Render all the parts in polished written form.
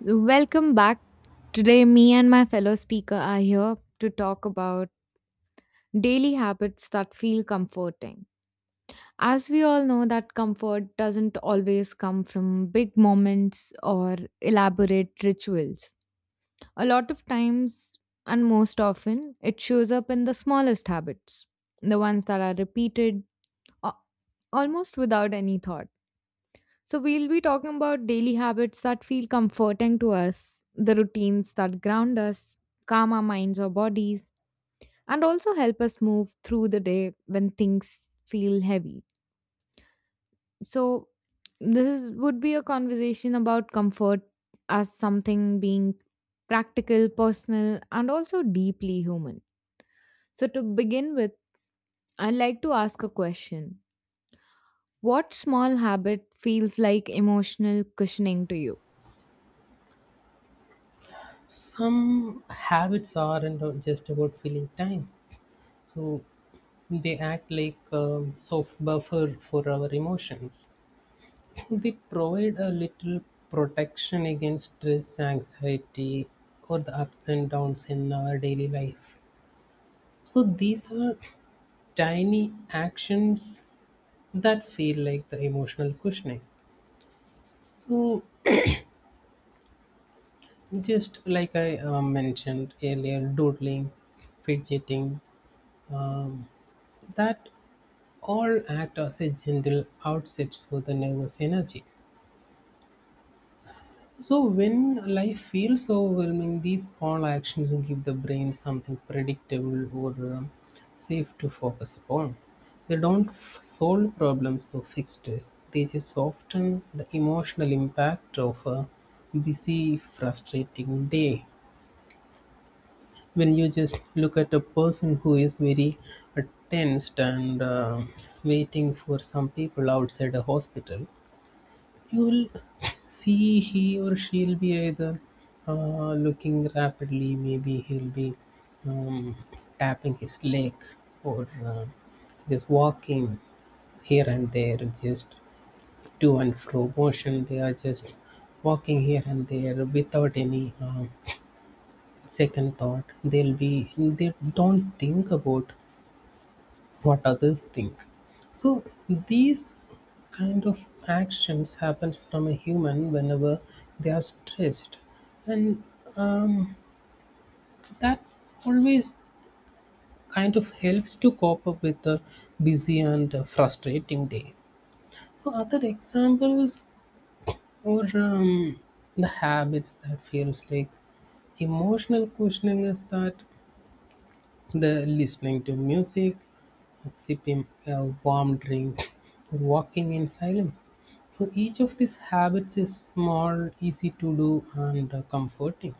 Welcome back. Today, me and my fellow speaker are here to talk about daily habits that feel comforting. As we all know, that comfort doesn't always come from big moments or elaborate rituals. A lot of times, and most often, it shows up in the smallest habits, the ones that are repeated a- almost without any thought. So, we'll be talking about daily habits that feel comforting to us, the routines that ground us, calm our minds or bodies, and also help us move through the day when things feel heavy. So, this would be a conversation about comfort as something being practical, personal, and also deeply human. So, to begin with, I'd like to ask a question. What small habit feels like emotional cushioning to you? Some habits aren't just about filling time, so they act like a soft buffer for our emotions. They provide a little protection against stress, anxiety, or the ups and downs in our daily life. So these are tiny actions that feel like the emotional cushioning. So just like I mentioned earlier, doodling, fidgeting, um, that all act as a gentle outsets for the nervous energy. So when life feels overwhelming, these all actions give the brain something predictable or um, safe to focus upon. They don't solve problems or fix stress. They just soften the emotional impact of a busy, frustrating day. When you just look at a person who is very uh, tensed and waiting for some people outside a hospital, you will see he or she'll be either looking rapidly, maybe he'll be um, tapping his leg or just walking here and there, just to and fro motion. They are just walking here and there without any second thought. They don't think about what others think. So these kind of actions happen from a human whenever they are stressed, and um, that always kind of helps to cope up with a busy and frustrating day. So other examples or the habits that feels like emotional cushioning is that the listening to music. Sip him a warm drink, or walking in silence. So each of these habits is small, easy to do, and comforting.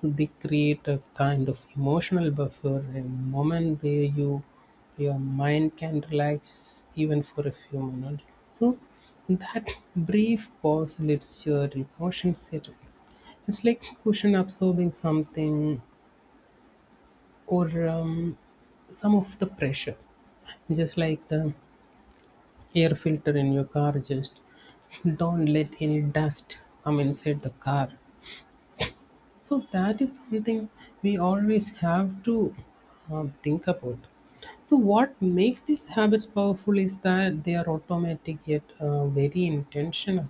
So they create a kind of emotional buffer, a moment where your mind can relax even for a few minutes. So that brief pause lets your emotions settle. It's like cushion absorbing something or some of the pressure. Just like the air filter in your car just don't let any dust come inside the car, so that is something we always have to think about. So what makes these habits powerful is that they are automatic yet very intentional.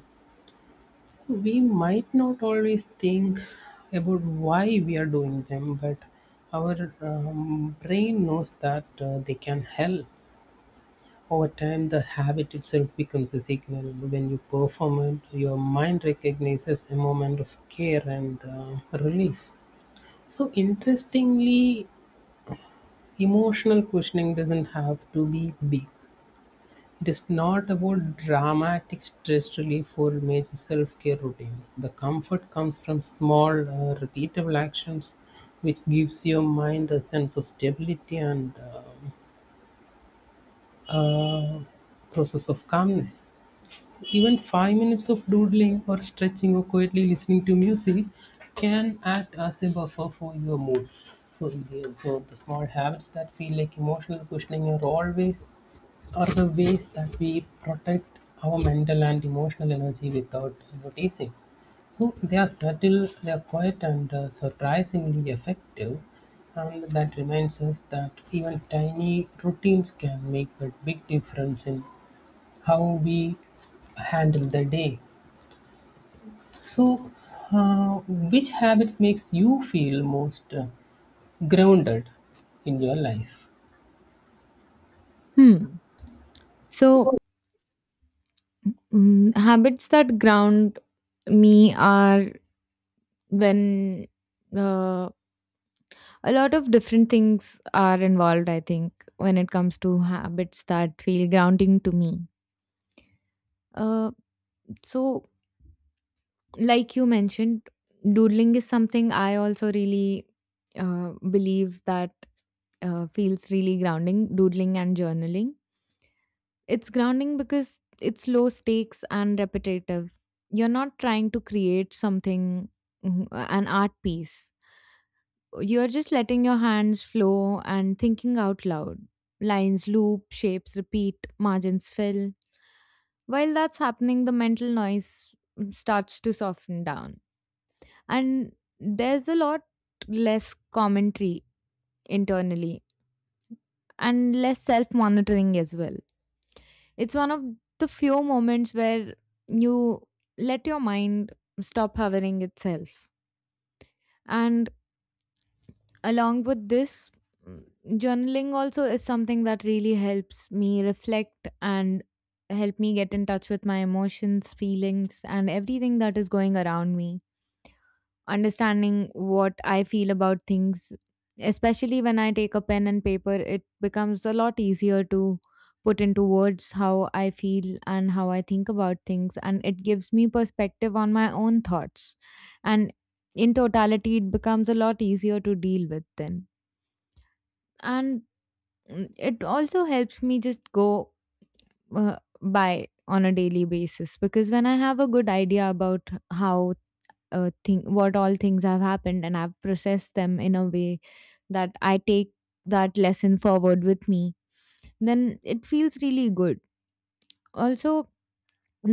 We might not always think about why we are doing them, but our brain knows that they can help. Over time, the habit itself becomes a signal. When you perform it, your mind recognizes a moment of care and relief. So, interestingly, emotional cushioning doesn't have to be big. It is not about dramatic stress relief or major self care routines. The comfort comes from small, repeatable actions which gives your mind a sense of stability and uh, process of calmness. So even 5 minutes of doodling or stretching or quietly listening to music can act as a buffer for your mood. So the small habits that feel like emotional cushioning are the ways that we protect our mental and emotional energy without noticing. So they are subtle, they are quiet, and surprisingly effective. And that reminds us that even tiny routines can make a big difference in how we handle the day. So, uh, which habits makes you feel most grounded in your life? Hmm. So, habits that ground me are when uh, a lot of different things are involved, I think, when it comes to habits that feel grounding to me. Uh, so, like you mentioned, doodling is something I also really believe that feels really grounding, doodling and journaling. It's grounding because it's low stakes and repetitive. You're not trying to create something, an art piece. You're just letting your hands flow and thinking out loud. Lines loop, shapes repeat, margins fill. While that's happening, the mental noise starts to soften down. And there's a lot less commentary internally and less self monitoring as well. It's one of the few moments where you let your mind stop hovering itself. And along with this, mm, journaling also is something that really helps me reflect and help me get in touch with my emotions, feelings, and everything that is going around me. Understanding what I feel about things, especially when I take a pen and paper, it becomes a lot easier to put into words how I feel and how I think about things. And it gives me perspective on my own thoughts. And in totality, it becomes a lot easier to deal with then. And it also helps me just go uh, by on a daily basis because when I have a good idea about how thing what all things have happened and I've processed them in a way that I take that lesson forward with me, then it feels really good. Also,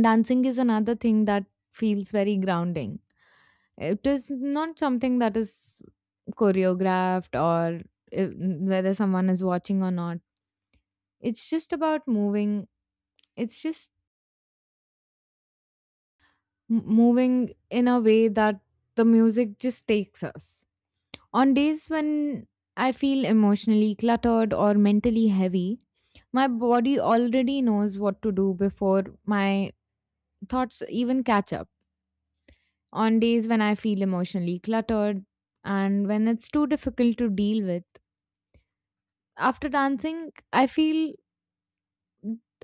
dancing is another thing that feels very grounding. It is not something that is choreographed, or if, whether someone is watching or not. It's just about moving. It's just moving in a way that the music just takes us. On days when I feel emotionally cluttered or mentally heavy, my body already knows what to do before my thoughts even catch up. On days when I feel emotionally cluttered and when it's too difficult to deal with, after dancing, I feel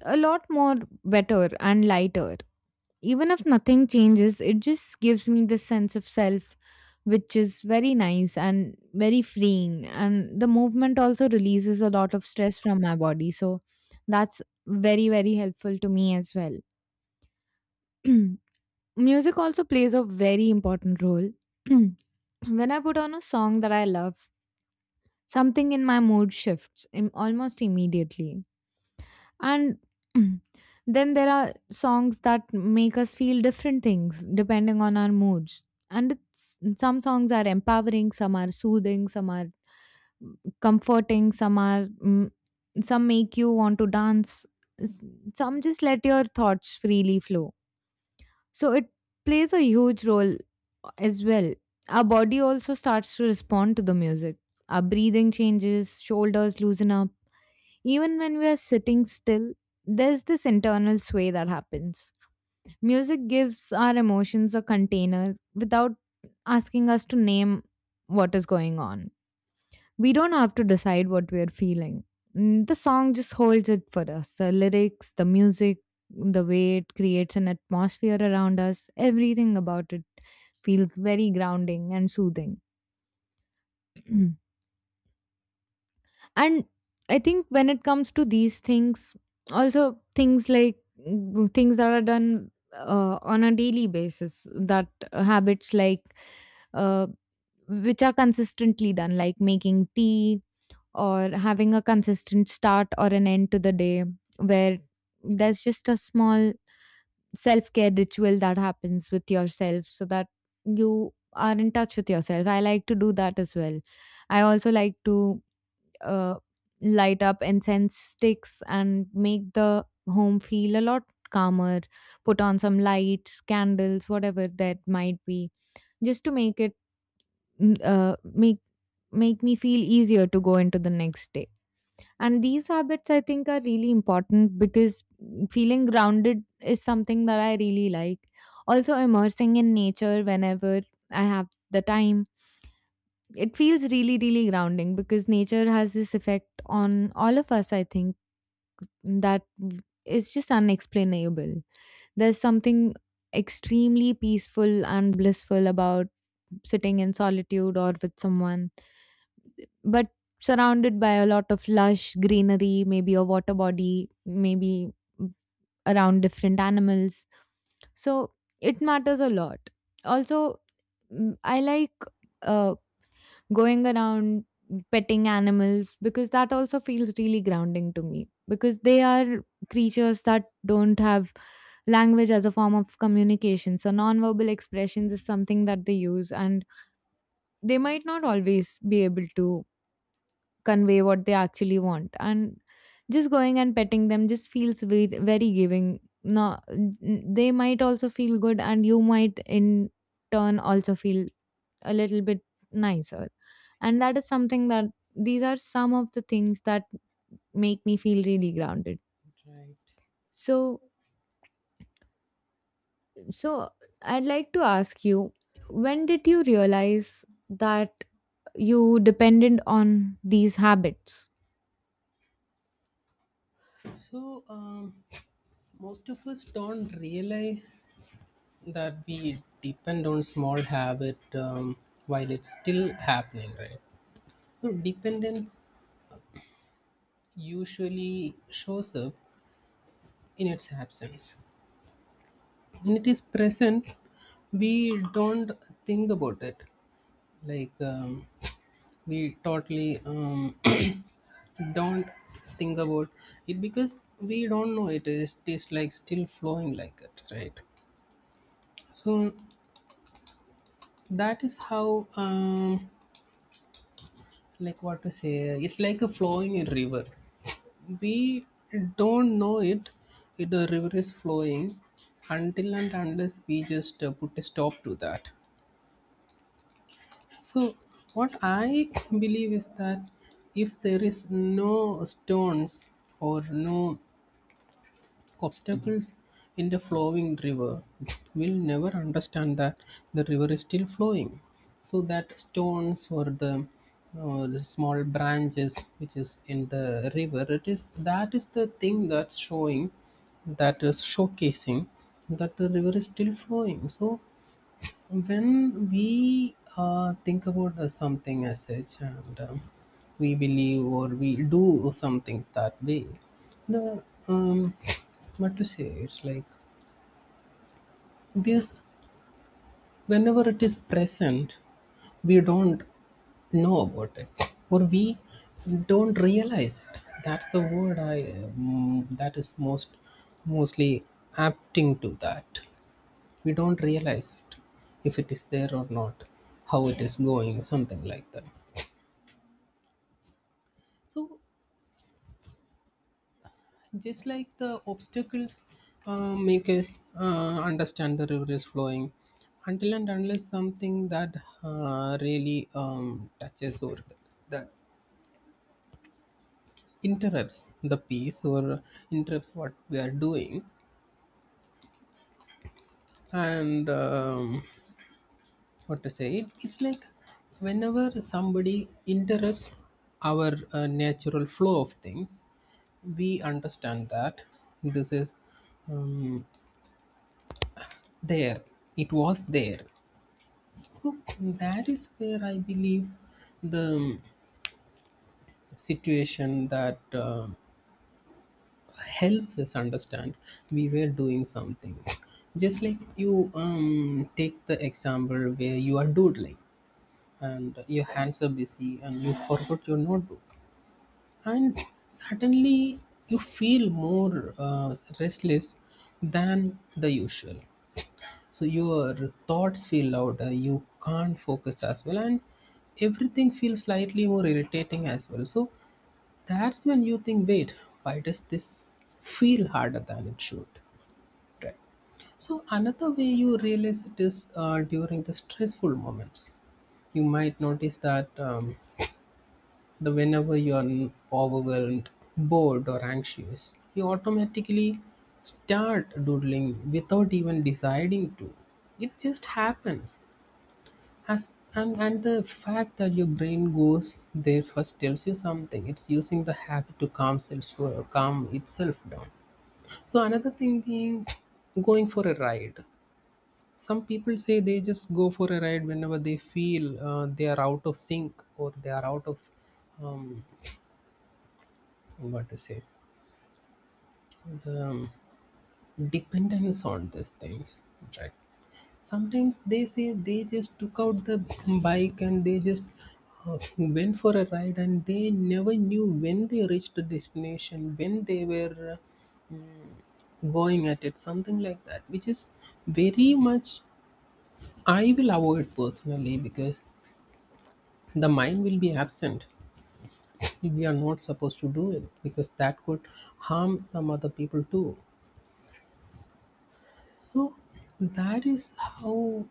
a lot more better and lighter. Even if nothing changes, it just gives me this sense of self, which is very nice and very freeing. And the movement also releases a lot of stress from my body. So that's very, very helpful to me as well. Music also plays a very important role. When I put on a song that I love, something in my mood shifts almost immediately. And then there are songs that make us feel different things depending on our moods. And some songs are empowering, some are soothing, some are comforting, some are some make you want to dance, s- some just let your thoughts freely flow. So it plays a huge role as well. Our body also starts to respond to the music. Our breathing changes, shoulders loosen up, even when we are sitting still, there's this internal sway that happens. Music gives our emotions a container without asking us to name what is going on. We don't have to decide what we are feeling. The song just holds it for us. The lyrics, the music, the way it creates an atmosphere around us, everything about it feels very grounding and soothing. And I think when it comes to these things, also things like things that are done on a daily basis, that habits like uh, which are consistently done, like making tea, or having a consistent start or an end to the day where there's just a small self-care ritual that happens with yourself so that you are in touch with yourself. I like to do that as well. I also like to uh, light up incense sticks and make the home feel a lot calmer. Put on some lights, candles, whatever that might be, just to make it mm, uh, make make me feel easier to go into the next day. And these habits, I think, are really important because feeling grounded is something that I really like. Also, immersing in nature whenever I have the time, it feels really, really grounding because nature has this effect on all of us, I think, that is just unexplainable. There's something extremely peaceful and blissful about sitting in solitude or with someone, but surrounded by a lot of lush greenery, maybe a water body, maybe around different animals. So it matters a lot. Also, I like uh, going around petting animals because that also feels really grounding to me because they are creatures that don't have language as a form of communication, so nonverbal expressions is something that they use, and they might not always be able to convey what they actually want. And just going and petting them just feels very, very giving. No n- They might also feel good and you might in turn also feel a little bit nicer. And that is something that, these are some of the things that make me feel really grounded. Right. So, so, I'd like to ask you, when did you realize that you depended on these habits? So, most of us don't realize that we depend on small habit while it's still happening, right? So, dependence usually shows up in its absence. When it is present, we don't think about it. Like, um, we totally don't think about it because we don't know it is like still flowing like it, right? So that is how, like, what to say, it's like a flowing river. We don't know it if the river is flowing until and unless we just put a stop to that. So what I believe is that if there is no stones or no obstacles in the flowing river, will never understand that the river is still flowing. So that stones or the small branches which is in the river, it is that is the thing that's showing, that is showcasing, that the river is still flowing. So when we think about something as such, and we believe or we do some things that way, the um what to say, it's like this. Whenever it is present, we don't know about it, or we don't realize it. That's the word I, that is mostly apting to that. We don't realize it, if it is there or not, how it is going, something like that. So, just like the obstacles make us uh, understand the river is flowing, until and unless something that really touches or that interrupts the peace or interrupts what we are doing, and what to say, it's like whenever somebody interrupts our natural flow of things, we understand that this is um, there, it was there. So that is where I believe the situation that helps us understand we were doing something. Just like you take the example where you are doodling and your hands are busy and you forgot your notebook, and suddenly you feel more restless than the usual, so your thoughts feel louder, you can't focus as well, and everything feels slightly more irritating as well. So that's when you think, wait, why does this feel harder than it should, right? So another way you realize it is during the stressful moments. You might notice that the whenever you are overwhelmed, bored, or anxious, you automatically start doodling without even deciding to. It just happens. And the fact that your brain goes there first tells you something. It's using the habit to calm itself down. So, another thing being going for a ride. Some people say they just go for a ride whenever they feel they are out of sync or they are out of um, what to say, the dependence on these things, right? Sometimes they say they just took out the bike and they just went for a ride and they never knew when they reached the destination, when they were going at it, something like that, which is very much I will avoid personally because the mind will be absent. We are not supposed to do it because that could harm some other people too. So that is how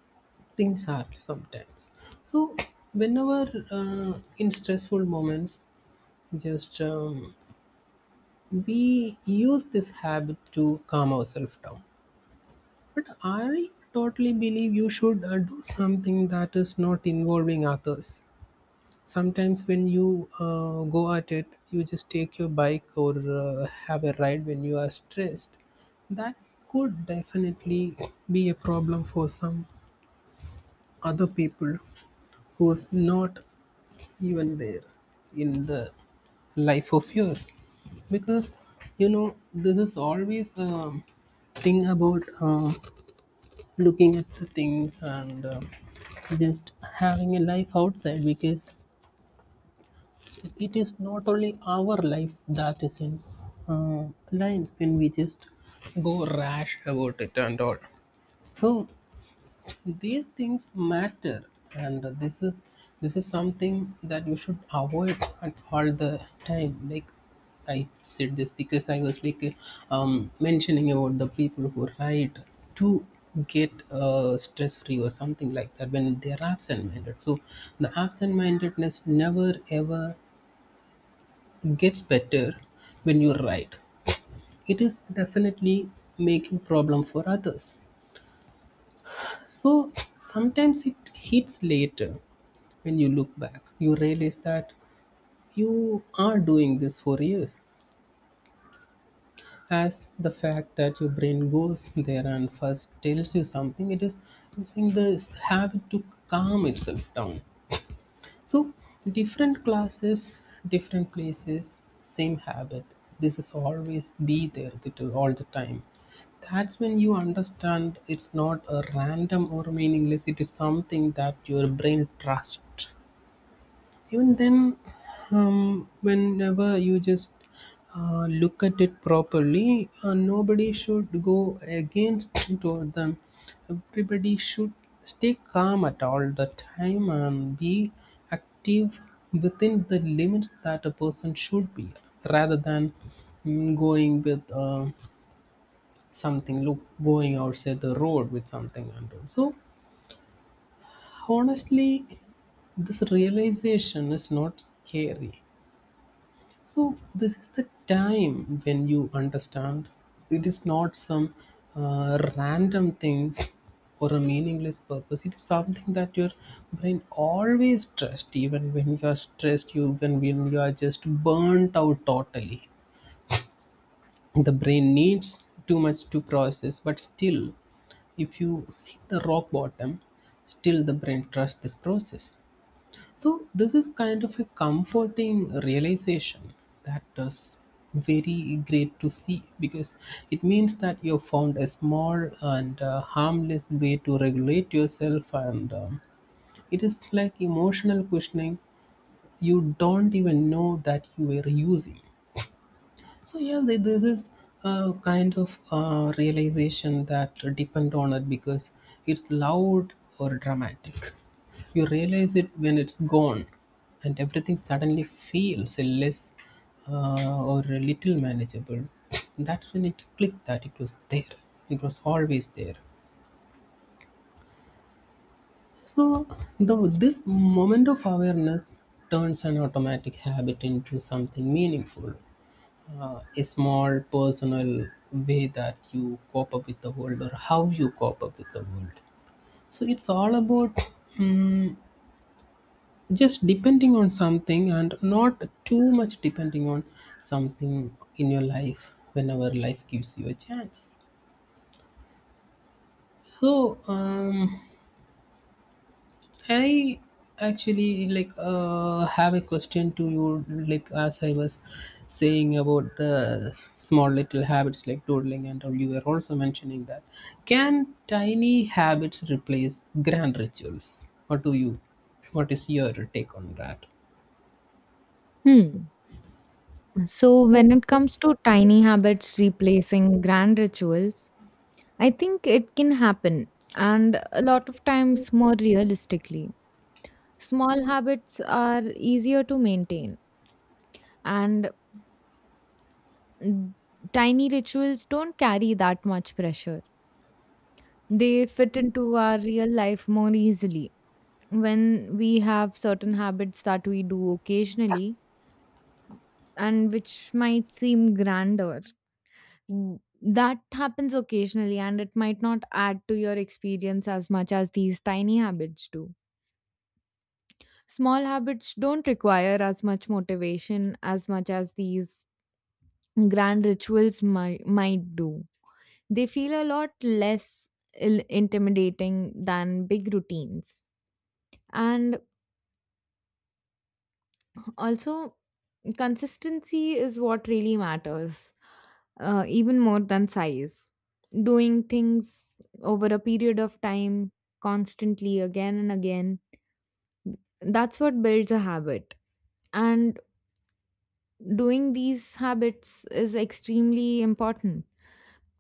things are sometimes. So whenever in stressful moments, just we use this habit to calm ourselves down. But I totally believe you should do something that is not involving others. Sometimes when you go at it, you just take your bike or have a ride when you are stressed, that could definitely be a problem for some other people who's not even there in the life of yours, because you know this is always the thing about looking at the things and just having a life outside, because it is not only our life that is in uh, line when we just go rash about it and all. So these things matter, and this is something that you should avoid at all the time. Like I said this because I was like mentioning about the people who write to get stress free or something like that when they are absent minded. So the absent mindedness never ever gets better when you write. It is definitely making problem for others. So sometimes it hits later. When you look back, you realize that you are doing this for years. As the fact that your brain goes there and first tells you something, it is using this habit to calm itself down. So, different classes, different places, same habit. This is always be there with you all the time. That's when you understand it's not a random or meaningless, it is something that your brain trusts. Even then, whenever you just look at it properly, nobody should go against toward them. Everybody should stay calm at all the time and be active within the limits that a person should be, rather than going with something, look, going outside the road with something. And all. So, honestly, this realization is not scary. So this is the time when you understand it is not some random things or a meaningless purpose. It is something that your brain always trusts, even when you are stressed, when you are just burnt out totally. The brain needs too much to process, but still, if you hit the rock bottom, still the brain trusts this process. So this is kind of a comforting realization that is very great to see because it means that you found a small and harmless way to regulate yourself, and it is like emotional cushioning you don't even know that you were using. So yeah, this is a kind of realization that depend on it because it's loud or dramatic. You realize it when it's gone, and everything suddenly feels less or a little manageable. That's when it clicked that it was there. It was always there. So the this moment of awareness turns an automatic habit into something meaningful. A small personal way that you cope up with the world or how you cope up with the world. So it's all about mm just depending on something and not too much depending on something in your life whenever life gives you a chance. So, I actually like have a question to you. Like, as I was saying about the small little habits like doodling, and all, you were also mentioning that. Can tiny habits replace grand rituals? What do you? What is your take on that? Hmm. So, when it comes to tiny habits replacing grand rituals, I think it can happen, and a lot of times more realistically. Small habits are easier to maintain, and Mm, tiny rituals don't carry that much pressure. They fit into our real life more easily when we have certain habits that we do occasionally and which might seem grander. Mm, That happens occasionally and it might not add to your experience as much as these tiny habits do. Small habits don't require as much motivation as much as these grand rituals might do. They feel a lot less intimidating than big routines. And also, consistency is what really matters, even more than size. Doing things over a period of time, constantly, again and again, that's what builds a habit. And doing these habits is extremely important.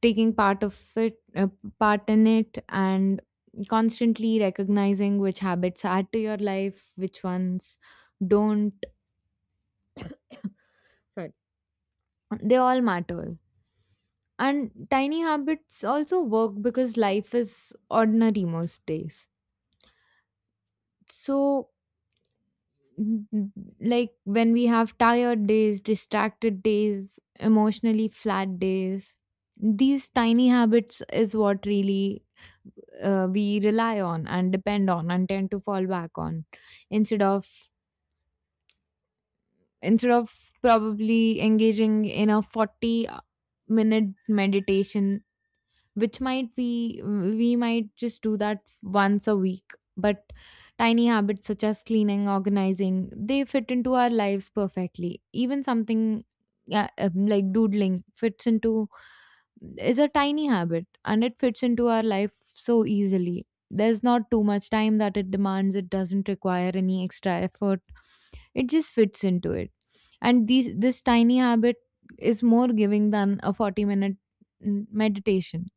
Taking part of it, part in it, and constantly recognizing which habits add to your life, which ones don't. Sorry. They all matter. And tiny habits also work because life is ordinary most days. So, n- like when we have tired days, distracted days, emotionally flat days, these tiny habits is what really, we rely on and depend on and tend to fall back on, instead of instead of probably engaging in a 40-minute meditation which might we might just do that once a week. But tiny habits such as cleaning, organizing, they fit into our lives perfectly. Even something, yeah, like doodling fits into is a tiny habit and it fits into our life so easily. There's not too much time that it demands, it doesn't require any extra effort, it just fits into it. And these this tiny habit is more giving than a 40 minute meditation.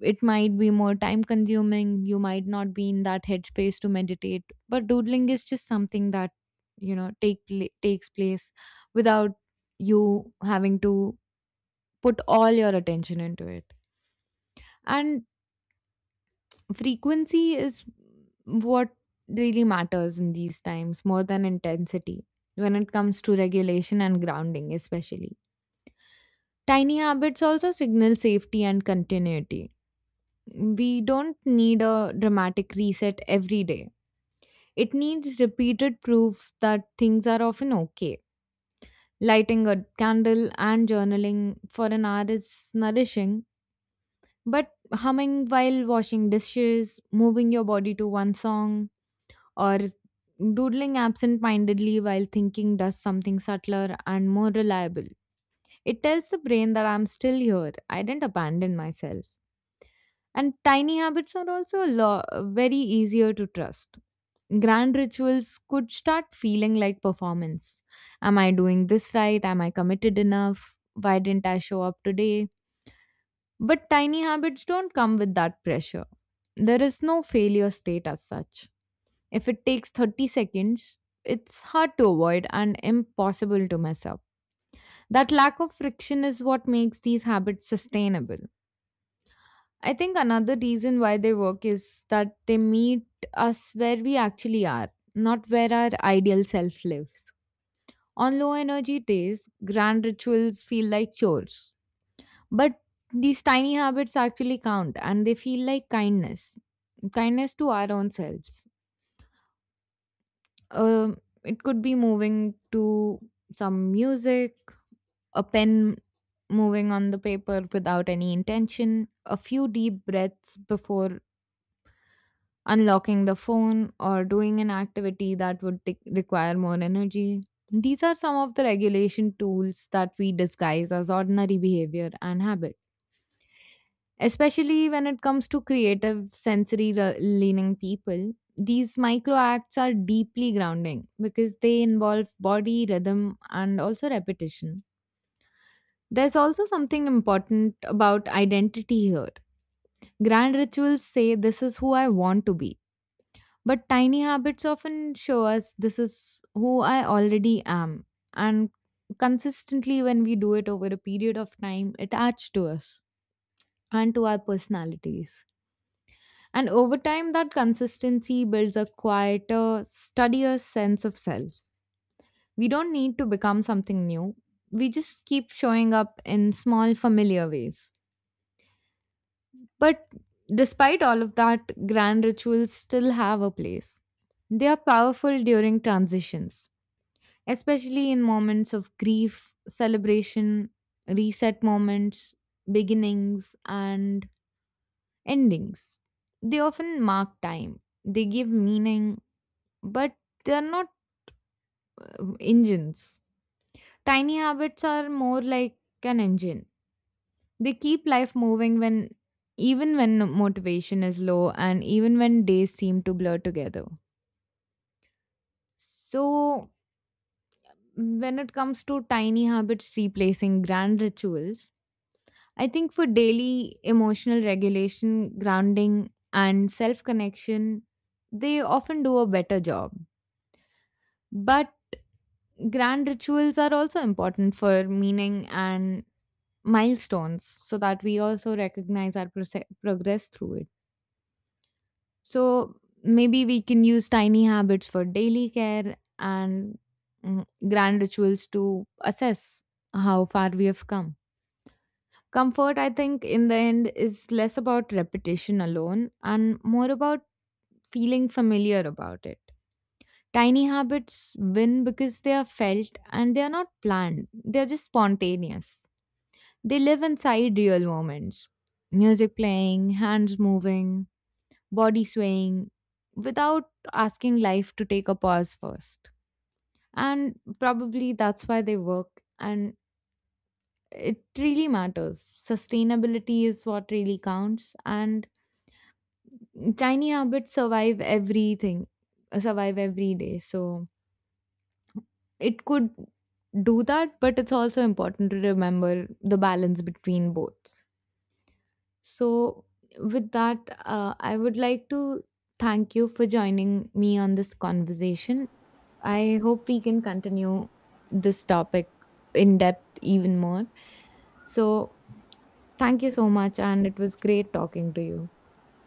It might be more time consuming, you might not be in that headspace to meditate, but doodling is just something that takes place without you having to put all your attention into it. And frequency is what really matters in these times, more than intensity, when it comes to regulation and grounding especially. Tiny habits also signal safety and continuity, we don't need a dramatic reset every day. It needs repeated proof that things are often okay. Lighting a candle and journaling for an hour is nourishing, but humming while washing dishes, moving your body to one song, or doodling absent mindedly while thinking does something subtler and more reliable. It tells the brain that I'm still here, I didn't abandon myself. And tiny habits are also very easier to trust. Grand rituals could start feeling like performance. Am I doing this right? Am I committed enough? Why didn't I show up today? But tiny habits don't come with that pressure. There is no failure state as such. If it takes 30 seconds, it's hard to avoid and impossible to mess up. That lack of friction is what makes these habits sustainable. I think another reason why they work is that they meet us where we actually are, not where our ideal self lives. On low energy days, grand rituals feel like chores. But these tiny habits actually count and they feel like kindness, kindness to our own selves. Um, it could be moving to some music, a pen moving on the paper without any intention, a few deep breaths before unlocking the phone, or doing an activity that would take require more energy. These are some of the regulation tools that we disguise as ordinary behavior and habit. Especially when it comes to creative, sensory leaning people, these micro acts are deeply grounding because they involve body, rhythm, and also repetition. There's also something important about identity here. Grand rituals say this is who I want to be. But tiny habits often show us this is who I already am. And consistently, when we do it over a period of time, it adds to us and to our personalities. And over time, that consistency builds a quieter, steadier sense of self. We don't need to become something new, we just keep showing up in small, familiar ways. But despite all of that, grand rituals still have a place. They are powerful during transitions, especially in moments of grief, celebration, reset moments, beginnings, and endings. They often mark time, they give meaning, but they are not engines. Tiny habits are more like an engine. They keep life moving, when even when motivation is low and even when days seem to blur together. So, when it comes to tiny habits replacing grand rituals, I think for daily emotional regulation, grounding, and self connection, they often do a better job. But grand rituals are also important for meaning and milestones so that we also recognize our progress through it. So maybe we can use tiny habits for daily care and grand rituals to assess how far we have come. Comfort, I think, in the end, is less about repetition alone and more about feeling familiar about it. Tiny habits win because they are felt and they are not planned, they're just spontaneous. They live inside real moments: music playing, hands moving, body swaying, without asking life to take a pause first. And probably that's why they work. And it really matters. Sustainability is what really counts. And tiny habits survive everything, survive every day. So it could do that, but it's also important to remember the balance between both. So with that, I would like to thank you for joining me on this conversation. I hope we can continue this topic in depth even more. So thank you so much and it was great talking to you.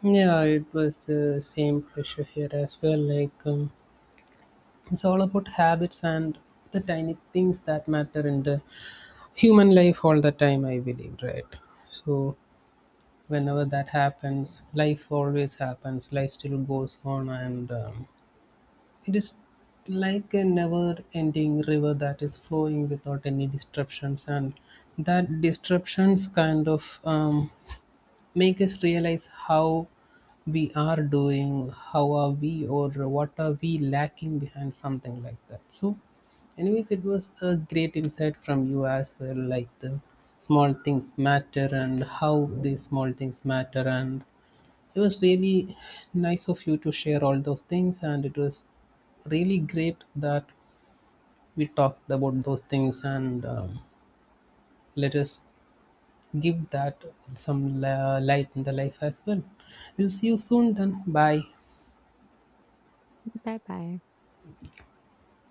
Yeah, it was the same pressure here as well. It's all about habits and the tiny things that matter in the human life all the time, I believe, right? So, whenever that happens, life always happens. Life still goes on, and it is like a never-ending river that is flowing without any disruptions. And that disruptions kind of make us realize how we are doing, how are we, or what are we lacking behind something like that. So, anyways, it was a great insight from you as well, like the small things matter and how these small things matter. And it was really nice of you to share all those things, and it was really great that we talked about those things, and let us give that some light in the life as well. We'll see you soon then. Bye. Bye bye.